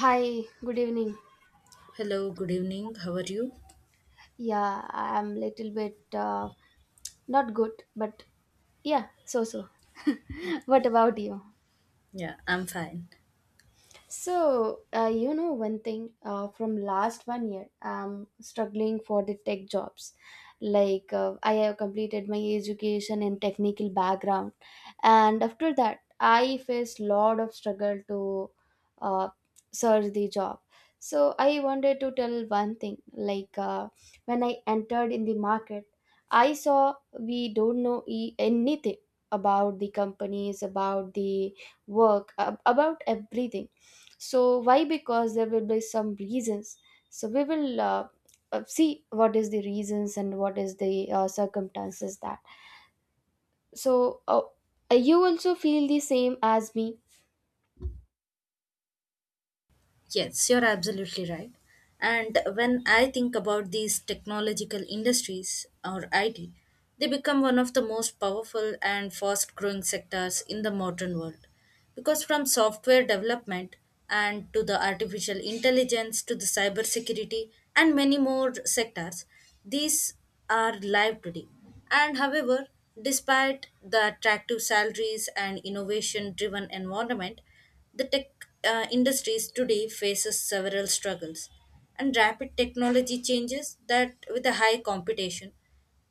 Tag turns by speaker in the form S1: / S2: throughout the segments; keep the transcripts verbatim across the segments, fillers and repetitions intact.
S1: Hi, good evening.
S2: Hello, good evening. How are you?
S1: Yeah, I'm little bit uh, not good, but yeah, so so. What about you?
S2: Yeah, I'm fine.
S1: So, uh, you know, one thing uh, from last one year, I'm struggling for the tech jobs. Like, uh, I have completed my education and technical background, and after that, I faced lot of struggle to uh, search the job. So, I wanted to tell one thing. Like, uh, when I entered in the market, I saw we don't know e- anything about the companies, about the work, ab- about everything, so why? Because there will be some reasons, so we will uh, uh, see what is the reasons and what is the uh, circumstances that, so uh, you also feel the same as me.
S2: Yes, you're absolutely right. And when I think about these technological industries or I T, they become one of the most powerful and fast growing sectors in the modern world. Because from software development and to the artificial intelligence to the cybersecurity and many more sectors, these are live today. And however, despite the attractive salaries and innovation driven environment, the tech uh, industries today faces several struggles and rapid technology changes that with the high competition,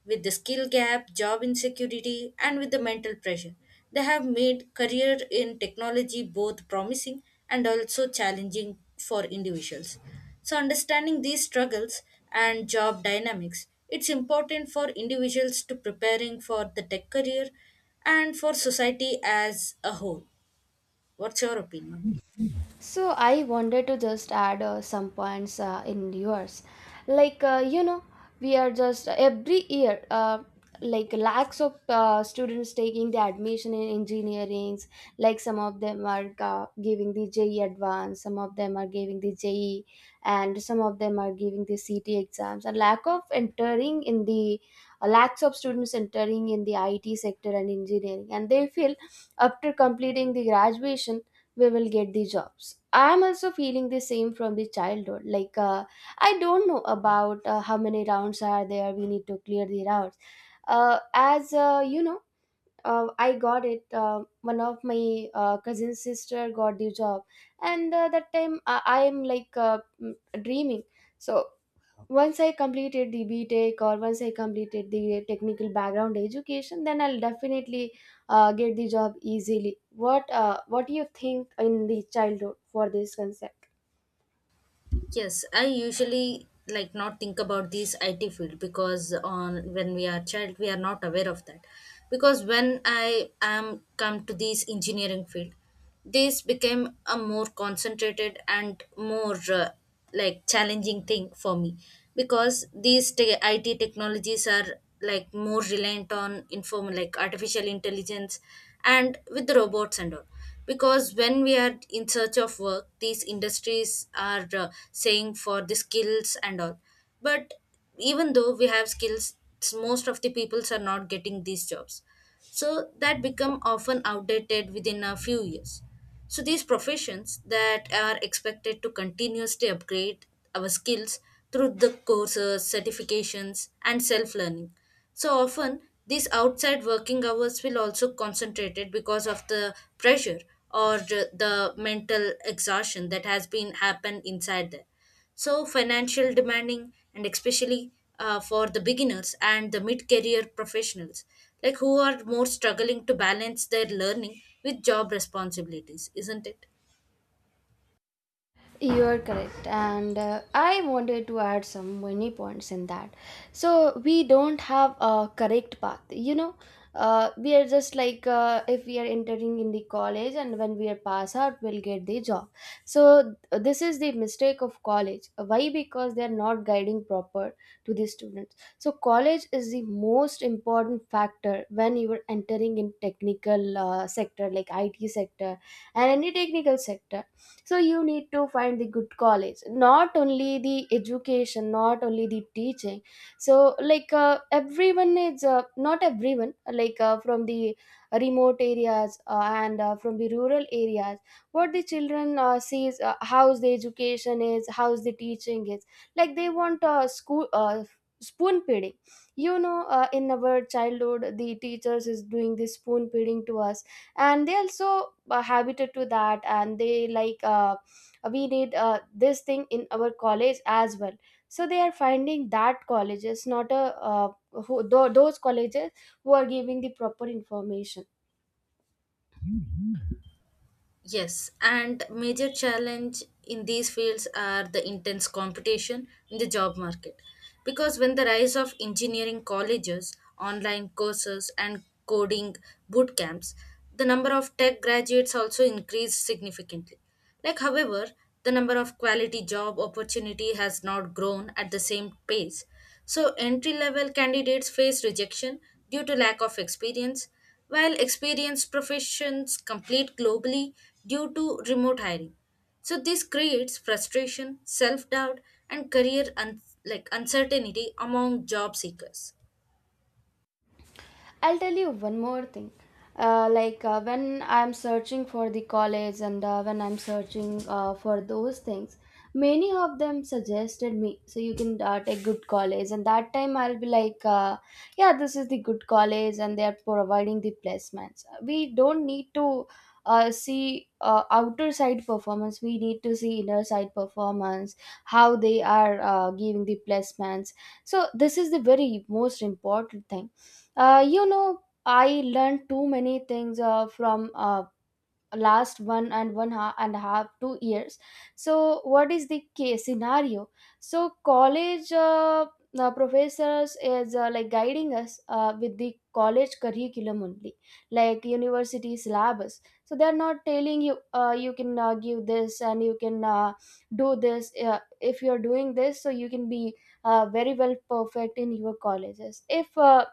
S2: with the skill gap, job insecurity and with the mental pressure. They have made career in technology both promising and also challenging for individuals. So understanding these struggles and job dynamics, it's important for individuals to preparing for the tech career and for society as a whole. What's your opinion?
S1: So I wanted to just add uh, some points uh, in yours. Like uh, you know, we are just uh, every year, uh, like lakhs of uh, students taking the admission in engineerings. Like some of them are uh, giving the J E advance, some of them are giving the J E, and some of them are giving the C T exams. And lack of entering in the uh, lakhs of students entering in the I T sector and engineering, and they feel after completing the graduation we will get the jobs. I am also feeling the same from the childhood. like uh, I don't know about uh, how many rounds are there. We need to clear the rounds, uh, as uh, you know uh, I got it. Uh, one of my uh, cousin sister got the job, and uh, that time i I am like, uh, mm, dreaming. So once I completed the btech or once I completed the technical background education, then I'll definitely uh, get the job easily. What uh, what do you think in the childhood for this concept?
S2: Yes, I usually like not think about these I T field because on when we are child we are not aware of that. Because when I am come to this engineering field, this became a more concentrated and more uh, like challenging thing for me because these te- I T technologies are like more reliant on inform like artificial intelligence and with the robots and all, because when we are in search of work these industries are uh, saying for the skills and all, but even though we have skills most of the peoples are not getting these jobs, so that become often outdated within a few years. So these professions that are expected to continuously upgrade our skills through the courses, certifications, and self learning. So often these outside working hours will also concentrated because of the pressure or the the mental exhaustion that has been happened inside there. So financial demanding and especially uh, for the beginners and the mid-career professionals like who are more struggling to balance their learning with job responsibilities, isn't it?
S1: You are correct, and uh, I wanted to add some many points in that. So we don't have a correct path, you know. Uh, we are just like uh, if we are entering in the college, and when we are pass out, we'll get the job. So th- this is the mistake of college. Why? Because they are not guiding proper to the students. So college is the most important factor when you are entering in technical uh, sector, like I T sector and any technical sector. So you need to find the good college, not only the education, not only the teaching. So like uh, everyone is uh, not everyone, like uh, from the remote areas, uh, and uh, from the rural areas, what the children uh, sees uh, how's the education is, how's the teaching is. Like they want uh, school uh, spoon feeding, you know. Uh, in our childhood, the teachers is doing this spoon feeding to us, and they also uh, habited to that, and they like, uh, we need uh, this thing in our college as well. So they are finding that colleges, not a uh, who, tho- those colleges who are giving the proper information.
S2: Yes, and major challenge in these fields are the intense competition in the job market. Because when the rise of engineering colleges, online courses and coding boot camps, the number of tech graduates also increased significantly. Like, however, the number of quality job opportunity has not grown at the same pace. So entry level candidates face rejection due to lack of experience, while experienced professions compete globally due to remote hiring. So this creates frustration, self-doubt, and career un- like uncertainty among job seekers.
S1: I'll tell you one more thing. Uh, like uh, when I'm searching for the college and uh, when I'm searching uh, for those things, many of them suggested me. So you can uh, take good college, and that time I'll be like, uh, yeah, this is the good college, and they are providing the placements. We don't need to uh, see uh, outer side performance. We need to see inner side performance, how they are uh, giving the placements. So this is the very most important thing. uh, you know, I learned too many things uh, from uh, last one and one ha- and a half two years. So, what is the case scenario? So, college uh, uh, professors is uh, like guiding us uh, with the college curriculum only, like university syllabus. So they are not telling you, uh, you can uh, give this and you can uh, do this. Uh, if you are doing this, so you can be uh, very well perfect in your colleges. If uh,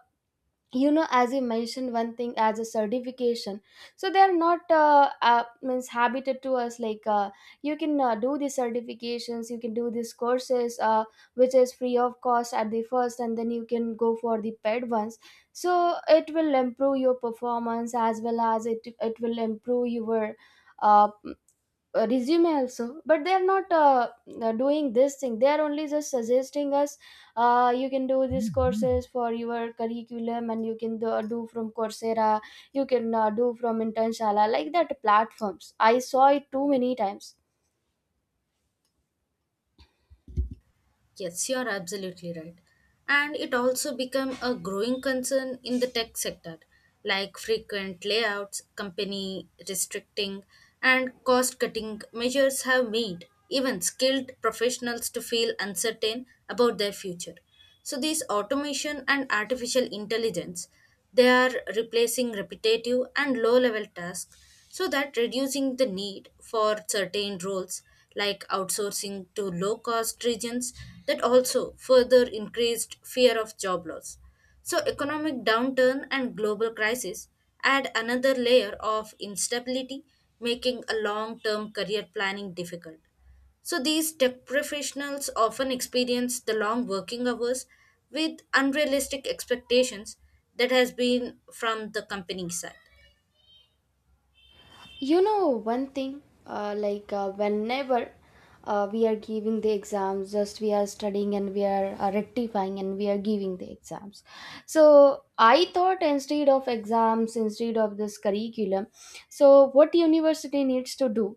S1: you know, as you mentioned one thing as a certification, so they are not uh, uh, means habited to us, like uh, you can uh, do these certifications, you can do these courses uh, which is free of cost at the first, and then you can go for the paid ones. So it will improve your performance as well as it it will improve your uh, uh, resume also. But they're not uh, uh, doing this thing. They're only just suggesting us, uh, you can do these Mhm. courses for your curriculum, and you can do, uh, do from coursera, you can uh, do from internshala, like that platforms. I saw it too many times.
S2: Yes, you are absolutely right. And it also became a growing concern in the tech sector, like frequent layouts, company restricting, and cost cutting measures have made even skilled professionals to feel uncertain about their future. So these automation and artificial intelligence, they are replacing repetitive and low-level tasks, so that reducing the need for certain roles like outsourcing to low-cost regions, that also further increased fear of job loss. So economic downturn and global crisis add another layer of instability, making a long-term career planning difficult. So these tech professionals often experience the long working hours with unrealistic expectations that has been from the company side.
S1: You know one thing, uh, like uh, whenever uh, we are giving the exams, just we are studying and we are uh, rectifying and we are giving the exams. So I thought, instead of exams, instead of this curriculum, so what university needs to do,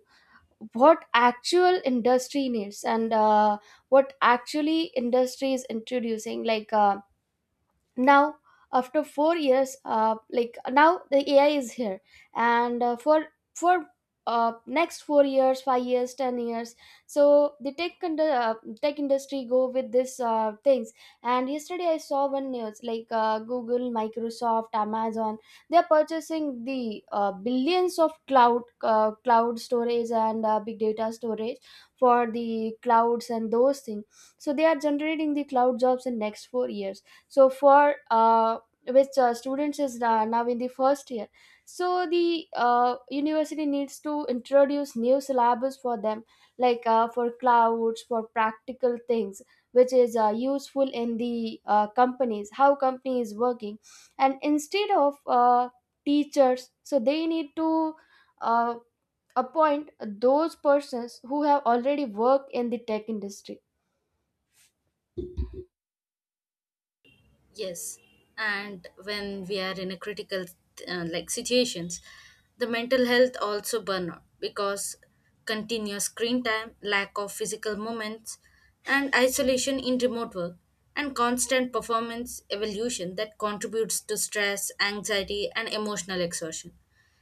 S1: what actual industry needs, and uh, what actually industry is introducing, like. Uh, now after four years, uh, like now the ai is here, and uh, for for uh, next four years, five years, ten years. So the tech and uh, tech industry go with this uh, things. And yesterday I saw one news like, uh, google, microsoft, amazon, they are purchasing the uh, billions of cloud, uh, cloud storage and uh, big data storage for the clouds and those things. So they are generating the cloud jobs in next four years. So for uh, which uh, students is na- now in the first year, so the uh, university needs to introduce new syllabus for them, like uh, for clouds, for practical things which is uh, useful in the uh, companies, how company is working. And instead of uh, teachers, so they need to uh, appoint those persons who have already worked in the tech industry.
S2: Yes, and when we are in a critical uh, like situations, the mental health also burn out because continuous screen time, lack of physical moments, and isolation in remote work and constant performance evolution that contributes to stress, anxiety, and emotional exhaustion.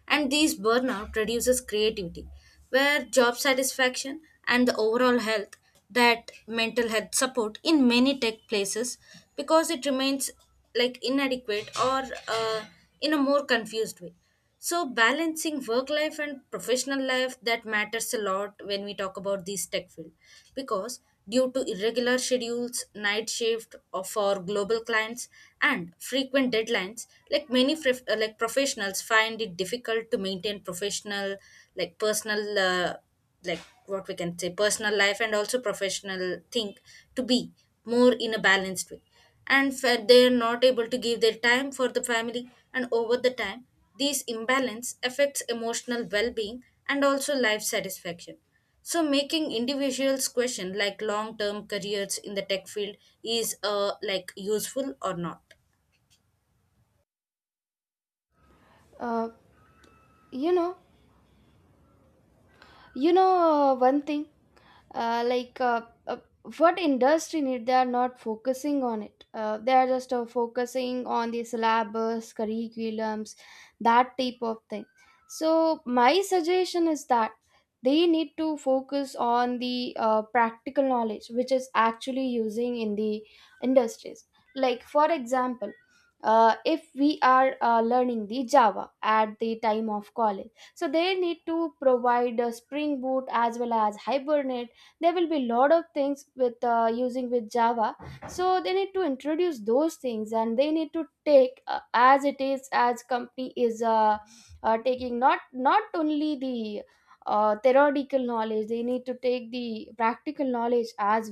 S2: And these burnout reduces creativity where job satisfaction and the overall health, that mental health support in many tech places because it remains like inadequate or uh, in a more confused way. So balancing work life and professional life that matters a lot when we talk about this tech field, because due to irregular schedules, night shift of- for global clients, and frequent deadlines. Like many prof- uh, like professionals find it difficult to maintain professional, like personal, uh, like what we can say, personal life and also professional thing to be more in a balanced way, and fa- they're not able to give their time for the family, and over the time this imbalance affects emotional well being and also life satisfaction. So making individuals question like long term careers in the tech field is uh, like useful or not.
S1: uh, you know You know, uh, one thing, uh, like uh, uh, what industry need, they are not focusing on it. Uh, they are just uh, focusing on the syllabus, curriculums, that type of thing. So my suggestion is that they need to focus on the uh, practical knowledge, which is actually using in the industries. Like for example, uh, if we are uh, learning the Java at the time of college, so they need to provide a spring boot as well as hibernate. There will be a lot of things with uh, using with java. So they need to introduce those things, and they need to take uh, as it is, as company is uh, uh, taking. Not not only the uh, theoretical knowledge, they need to take the practical knowledge as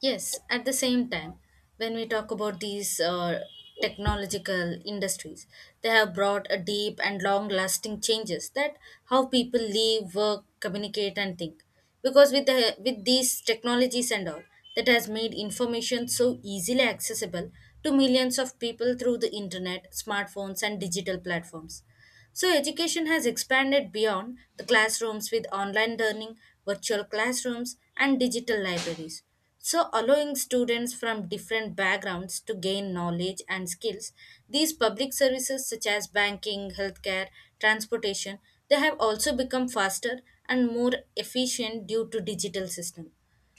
S2: Yes, at the same time, when we talk about these uh, technological industries, they have brought a deep and long lasting changes that how people live, work, communicate, and think. Because with the, with these technologies and all, that has made information so easily accessible to millions of people through the internet, smartphones, and digital platforms. So education has expanded beyond the classrooms with online learning, virtual classrooms, and digital libraries. So allowing students from different backgrounds to gain knowledge and skills, these public services such as banking, healthcare, transportation, they have also become faster and more efficient due to digital system.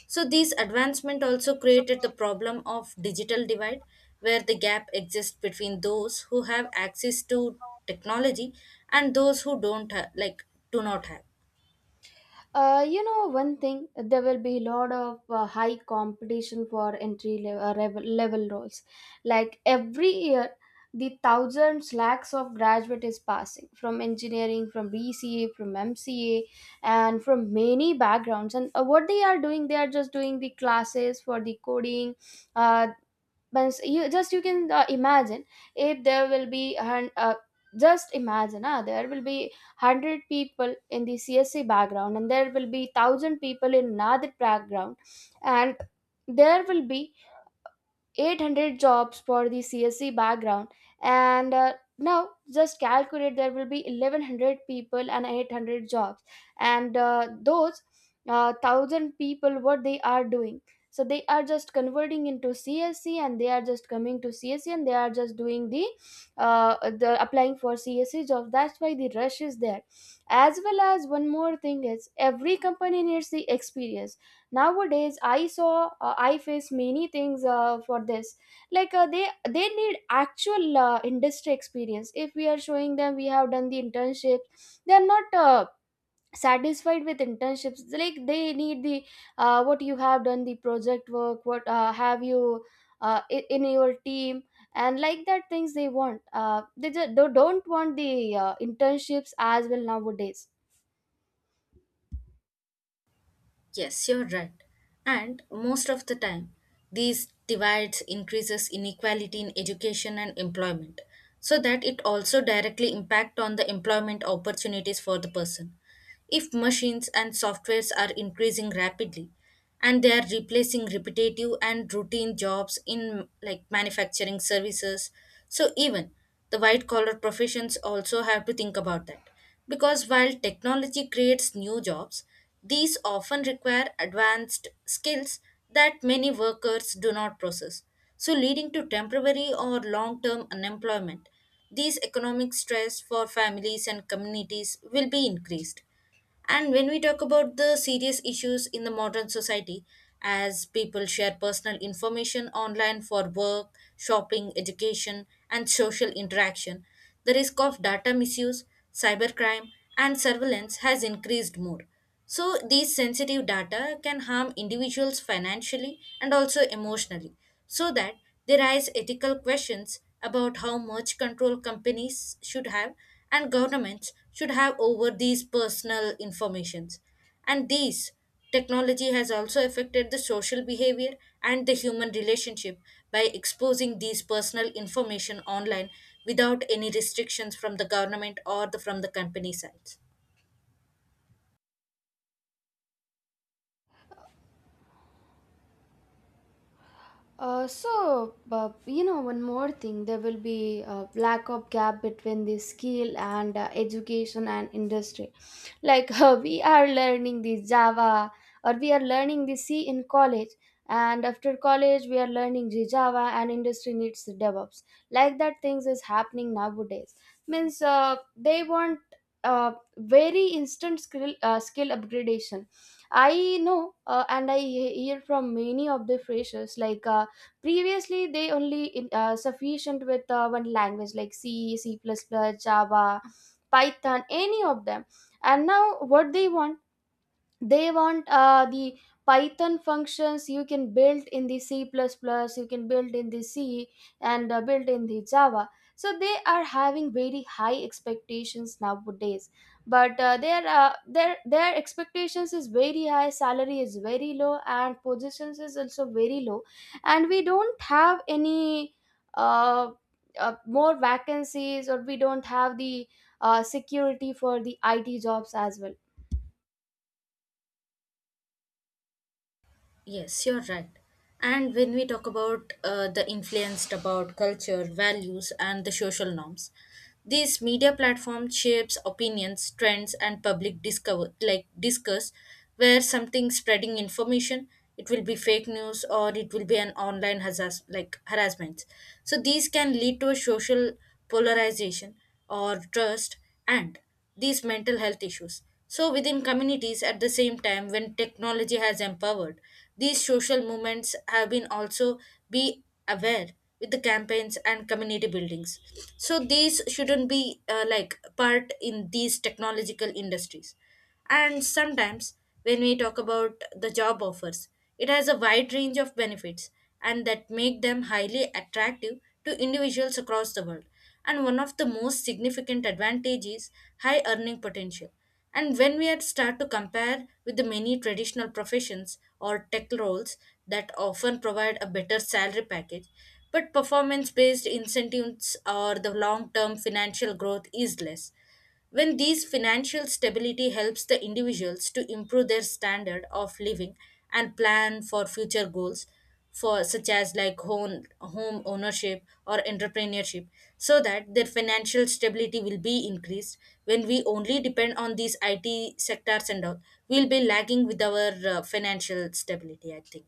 S2: So these advancement also
S1: well.
S2: created the problem of digital divide where the gap exists between those who have access to technology and those who don't ha- like do not have.
S1: Uh, you know one thing, there will be a lot of uh, high competition for entry level, uh, revel- level roles. Like every year, the thousands lakhs of graduate is passing from engineering, from B C A, from M C A, and from many backgrounds. And uh, what they are doing, they are just doing the classes for the coding. Uh, but you just you can uh, imagine, if there will be a hun- uh, just imagine uh, there will be one hundred people in the csc background, and there will be one thousand people in another background, and there will be eight hundred jobs for the C S C background. And uh, now just calculate, there will be eleven hundred people and eight hundred jobs, and uh, those uh, one thousand people, what they are doing? So they are just converting into C S C, and they are just coming to C S C, and they are just doing the uh, the applying for C S C jobs. That's why the rush is there. As well as one more thing is every company needs the experience nowadays. I saw, uh, I face many things uh, for this. like uh, they they need actual uh, industry experience. If we are showing them we have done the internships, they are not uh, satisfied with internships. Like they need the uh, what you have done, the project work, what uh, have you uh, i- in your team, and like that things they want. uh, they just don't want the uh, internships as well nowadays.
S2: Yes, you're right. And most of the time, these divides increases inequality in education and employment, so that it also directly impact on the employment opportunities for the person. If machines and softwares are increasing rapidly, and they are replacing repetitive and routine jobs in like manufacturing services, so even the white collar professions also have to think about that, because while technology creates new jobs these often require advanced skills that many workers do not possess, so leading to temporary or long term unemployment. These economic stress for families and communities will be increased. And when we talk about the serious issues in the modern society, as people share personal information online for work, shopping, education, and social interaction, the risk of data misuse, cybercrime, and surveillance has increased more. So these sensitive data can harm individuals financially and also emotionally, so that they raise ethical questions about how much control companies should have and governments should have over these personal informations. And these technology has also affected the social behavior and the human relationship by exposing these personal information online without any restrictions from the government or the, from the company side.
S1: Uh, so, uh, you know, one more thing, there will be a lack of gap between the skill and uh, education and industry, like we are learning the java, or we are learning the c in college, and after college we are learning the java, and industry needs the devops. Like that things is happening nowadays. Means uh, they want uh, very instant skill, uh, skill upgradation. I know, uh, and i he- hear from many of the freshers, like uh, previously they only in, uh, sufficient with uh, one language, like c, c++ plus plus, java, python, any of them. And now what they want, they want uh, the python functions you can build in the c++, you can build in the c, and uh, build in the java. So they are Having very high expectations nowadays, but uh, their uh, their their expectations is very high, salary is very low, and positions is also very low. And we don't have any uh, uh, more vacancies, or we don't have the uh, security for the IT jobs as well.
S2: Yes, you're right. And when we talk about uh, the influenced about culture, values, and the social norms, these media platform shapes opinions, trends, and public discover like discuss where something spreading information, it will be fake news or it will be an online hazas like harassment. So these can lead to a social polarization or trust and these mental health issues. So within communities, at the same time, when technology has empowered, these social movements have been also be aware with the campaigns and community buildings. So these shouldn't be uh, like part in these technological industries. And sometimes, when we talk about the job offers, it has a wide range of benefits and that make them highly attractive to individuals across the world. And one of the most significant advantages is high earning potential. And when we had start to compare with the many traditional professions or tech roles that often provide a better salary package, but performance based incentives or the long term financial growth is less. When these financial stability helps the individuals to improve their standard of living and plan for future goals for such as like home home ownership or entrepreneurship, so that their financial stability will be increased. When we only depend on these I T sectors and all, we'll be lagging with our uh, financial stability, I think.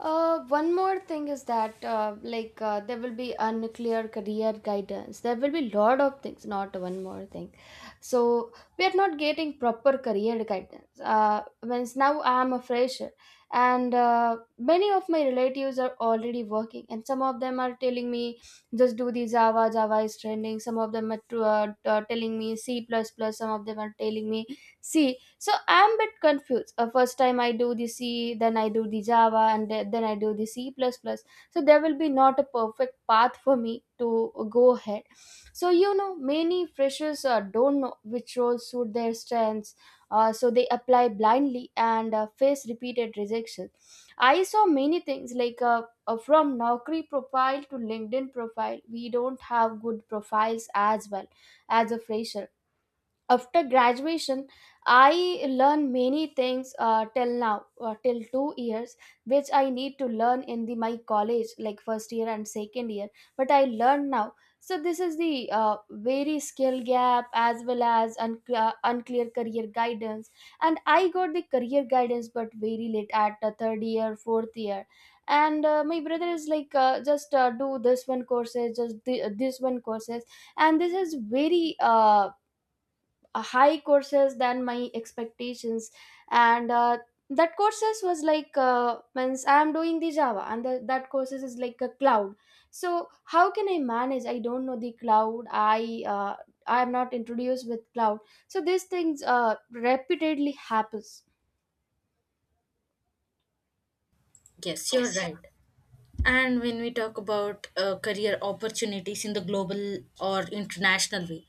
S1: Uh, one more thing is that uh, like uh, there will be unclear career guidance. There will be lot of things, not one more thing. So we are not getting proper career guidance. Uh, means now I am a fresher, and uh, many of my relatives are already working, and some of them are telling me just do the Java. Java is trending. Some of them are t- uh, t- uh, telling me C plus plus. Some of them are telling me C, so I'm a bit confused. Uh, first time I do the C, then I do the Java and the- then I do the c++ plus plus. So there will be not a perfect path for me to go ahead. So you know, many freshers uh, don't know which roles suit their strengths, uh, so they apply blindly and uh, face repeated rejection. I saw many things like, uh, uh, from Naukri profile to LinkedIn profile, we don't have good profiles as well, as a fresher after graduation. I learned many things, uh, till now, uh, till two years, which I need to learn in the my college like first year and second year, but I learned now. So this is the uh, very skill gap as well as un- uh, unclear career guidance. And I got the career guidance, but very late, at the third year, fourth year. And uh, my brother is like, uh, just uh, do this one courses, just th- this one courses. And this is very uh, uh, high courses than my expectations. And uh, that courses was like, uh, means I am doing the Java, and the, that courses is like a cloud. So how can I manage? I don't know the cloud. i uh, I am not introduced with cloud. So these things uh, repeatedly happens.
S2: Yes, you're right. And when we talk about uh, career opportunities in the global or international way,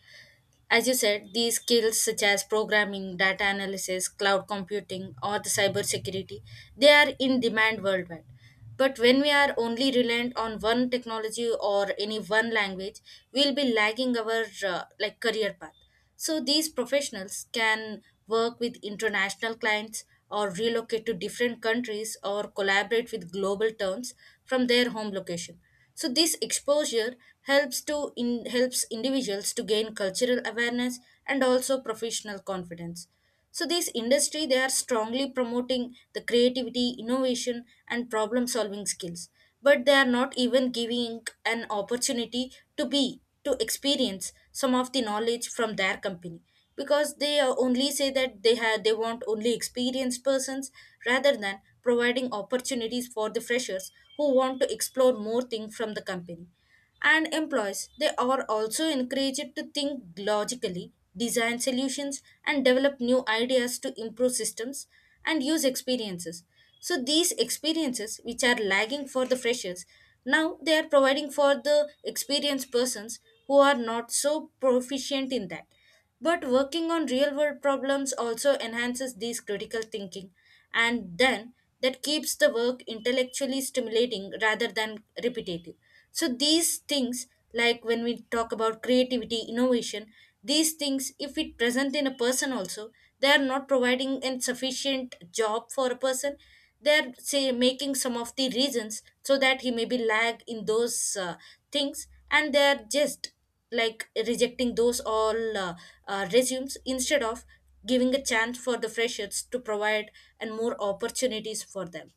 S2: as you said, these skills such as programming, data analysis, cloud computing, or the cybersecurity, they are in demand worldwide. But when we are only reliant on one technology or any one language, we'll be lagging our uh, like career path. So these professionals can work with international clients or relocate to different countries or collaborate with global terms from their home location. So this exposure helps to in, helps individuals to gain cultural awareness and also professional confidence. So these industry, they are strongly promoting the creativity innovation and problem solving skills, but they are not even giving an opportunity to be to experience some of the knowledge from their company, because they uh, only say that they have they want only experienced persons rather than providing opportunities for the freshers who want to explore more things from the company. And employees, they are also encouraged to think logically, design solutions and develop new ideas to improve systems and use experiences. So these experiences which are lagging for the freshers, now they are providing for the experienced persons who are not so proficient in that. But working on real world problems also enhances these critical thinking, and then that keeps the work intellectually stimulating rather than repetitive. So these things, like when we talk about creativity, innovation, these things, if it present in a person also, they are not providing a sufficient job for a person. They are say making some of the reasons so that he may be lag in those uh, things, and they are just like rejecting those all uh, uh, resumes instead of giving a chance for the freshers to provide and more opportunities for them.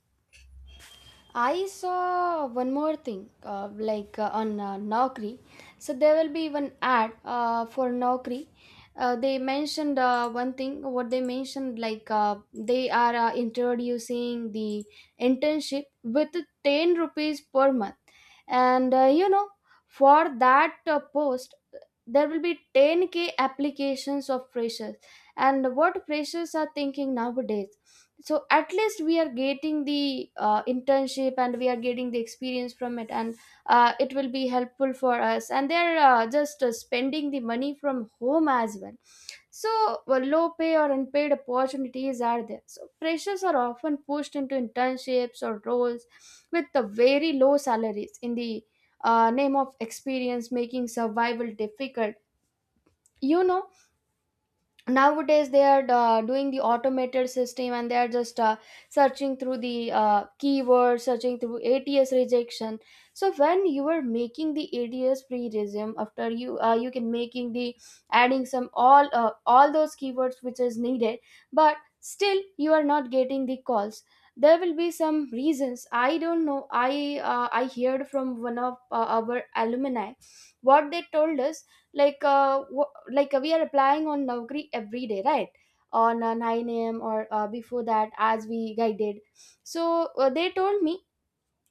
S1: I saw one more thing, uh, like uh, on uh, Naukri. So there will be one ad uh, for Naukri. Uh, they mentioned uh, one thing. What they mentioned, like, uh, they are uh, introducing the internship with ten rupees per month, and uh, you know, for that uh, post, there will be ten k applications of freshers. And what freshers are thinking nowadays? So at least we are getting the uh, internship, and we are getting the experience from it, and uh, it will be helpful for us, and they're uh, just uh, spending the money from home as well. So well, low pay or unpaid opportunities are there, so freshers are often pushed into internships or roles with the very low salaries in the uh, name of experience, making survival difficult. You know, nowadays they are uh, doing the automated system, and they are just uh, searching through the uh, keywords, searching through ATS rejection. So when you are making the ATS pre-resume, after you uh, you can making the adding some all uh, all those keywords which is needed, but still you are not getting the calls. There will be some reasons. I don't know. i uh, I heard from one of uh, our alumni what they told us. Like, uh, w- like uh, we are applying on Naukri every day, right? On uh, nine a.m. or uh, before that, as we guided. So uh, they told me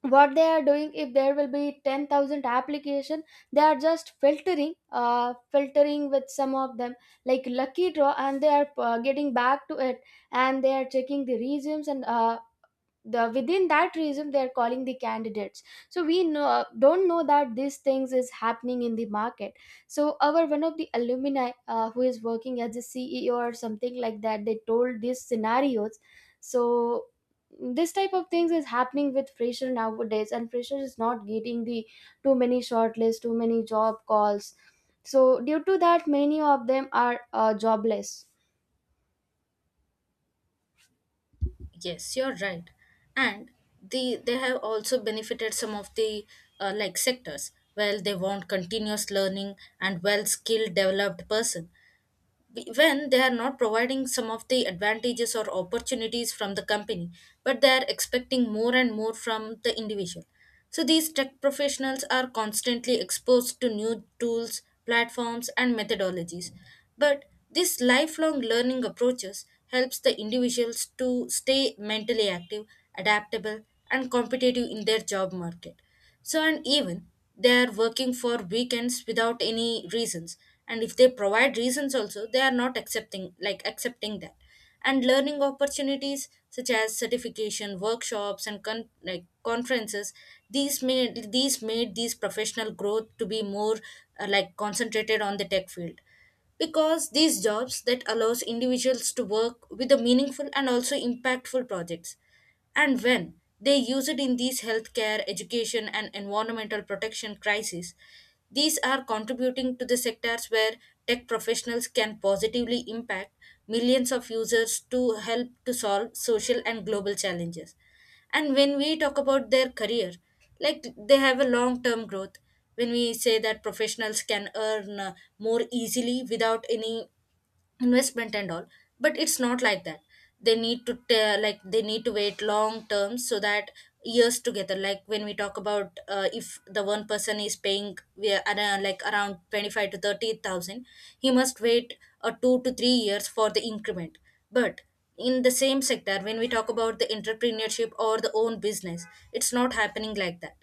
S1: what they are doing. If there will be ten thousand application, they are just filtering uh, filtering with some of them, like lucky draw, and they are uh, getting back to it. And they are checking the resumes, and uh, the within that reason they are calling the candidates. So we know don't know that these things is happening in the market. So our one of the alumni uh, who is working as a CEO or something like that, they told these scenarios. So this type of things is happening with fresher nowadays, and fresher is not getting the too many shortlist, too many job calls. So due to that, many of them are uh, jobless.
S2: Yes, you're right. And the they have also benefited some of the uh, like sectors. Well they want continuous learning and well skilled developed person. Be- when they are not providing some of the advantages or opportunities from the company, but they are expecting more and more from the individual. So these tech professionals are constantly exposed to new tools, platforms, and methodologies. But this lifelong learning approaches helps the individuals to stay mentally active, adaptable, and competitive in their job market. So, and even they are working for weekends without any reasons. And if they provide reasons also, they are not accepting, like accepting that. And learning opportunities such as certification, workshops, and con- like conferences, these made these made these professional growth to be more uh, like concentrated on the tech field, because these jobs that allows individuals to work with the meaningful and also impactful projects. And when they use it in these healthcare, education, and environmental protection crises, these are contributing to the sectors where tech professionals can positively impact millions of users to help to solve social and global challenges. And when we talk about their career, like they have a long term growth, when we say that professionals can earn uh, more easily without any investment and all, but it's not like that. They need to te- like they need to wait long term, so that years together, like when we talk about uh, if the one person is paying we are around, like around twenty-five to thirty thousand, he must wait uh, two to three years for the increment. But in the same sector when we talk about the entrepreneurship or the own business, it's not happening like that.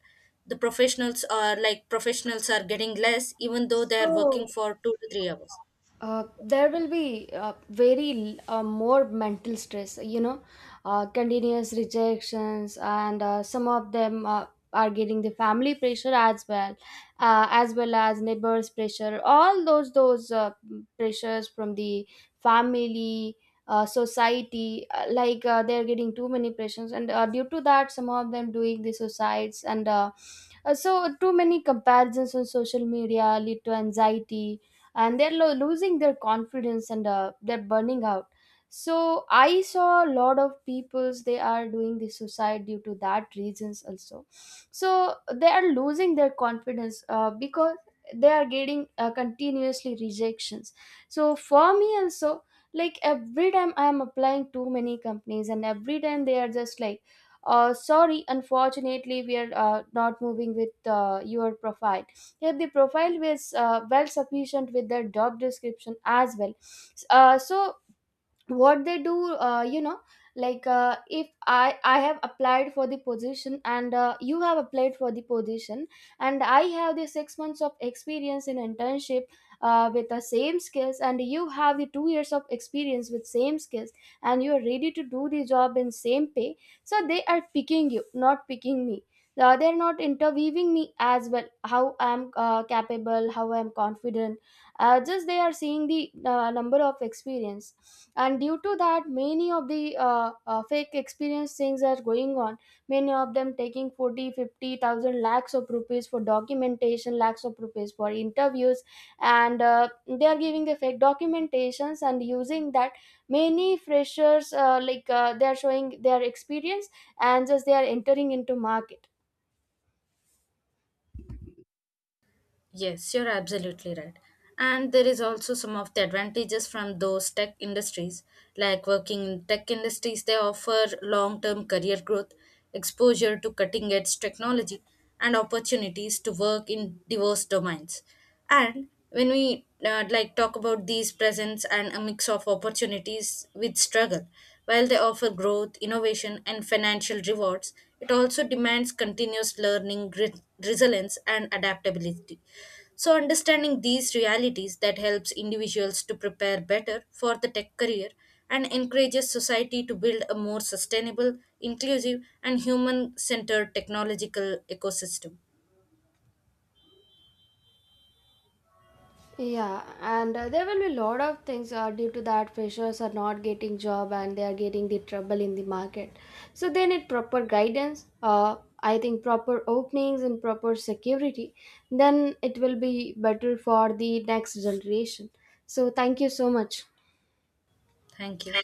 S2: The professionals are like professionals are getting less even though they are working
S1: So
S2: for two to three hours.
S1: Uh, there will be uh, very uh, more mental stress, you know, uh, continuous rejections, and uh, some of them uh, are getting the family pressure as well, uh, as well as neighbors' pressure. All those those uh, pressures from the family, uh, society, uh, like uh, they're getting too many pressures, and uh, due to that, some of them doing the suicides and. Uh, uh, So too many comparisons on social media lead to anxiety, and they're lo- losing their confidence, and uh, they're burning out. So I saw a lot of peoples, they are doing the suicide due to that reasons also. So they are losing their confidence uh, because they are getting uh, continuously rejections. So for me also, like every time I am applying too many companies, and every time they are just like, uh, sorry, unfortunately we are uh, not moving with uh, your profile, if the profile was uh, well sufficient with the job description as well. Uh, so what they do, uh, you know, like, uh, if i i have applied for the position and uh, you have applied for the position, and I have the six months of experience in internship, uh, with the same skills, and you have the two years of experience with same skills, and you are ready to do the job in same pay. So they are picking you, not picking me. Uh, they are not interviewing me as well. How I am uh, capable, how I am confident. Uh, just they are seeing the uh, number of experience. And due to that, many of the uh, uh, fake experience things are going on. Many of them taking forty, fifty thousand lakhs of rupees for documentation, lakhs of rupees for interviews, and uh, they are giving the fake documentations, and using that, many freshers, uh, like uh, they are showing their experience, and just they are entering into market.
S2: Yes, you're absolutely right. And there is also some of the advantages from those tech industries. Like working in tech industries, they offer long term career growth, exposure to cutting edge technology, and opportunities to work in diverse domains. And when we uh, like talk about these presents and a mix of opportunities with struggle, while they offer growth innovation and financial rewards, it also demands continuous learning grit, resilience and adaptability. So understanding these realities that helps individuals to prepare better for the tech career and encourages society to build a more sustainable inclusive and human centered technological ecosystem.
S1: Yeah, and uh, there will be a lot of things uh, due to that freshers are not getting job, and they are getting the trouble in the market. So they need proper guidance. Uh, I think proper openings and proper security. Then it will be better for the next generation. So thank you so much.
S2: Thank you.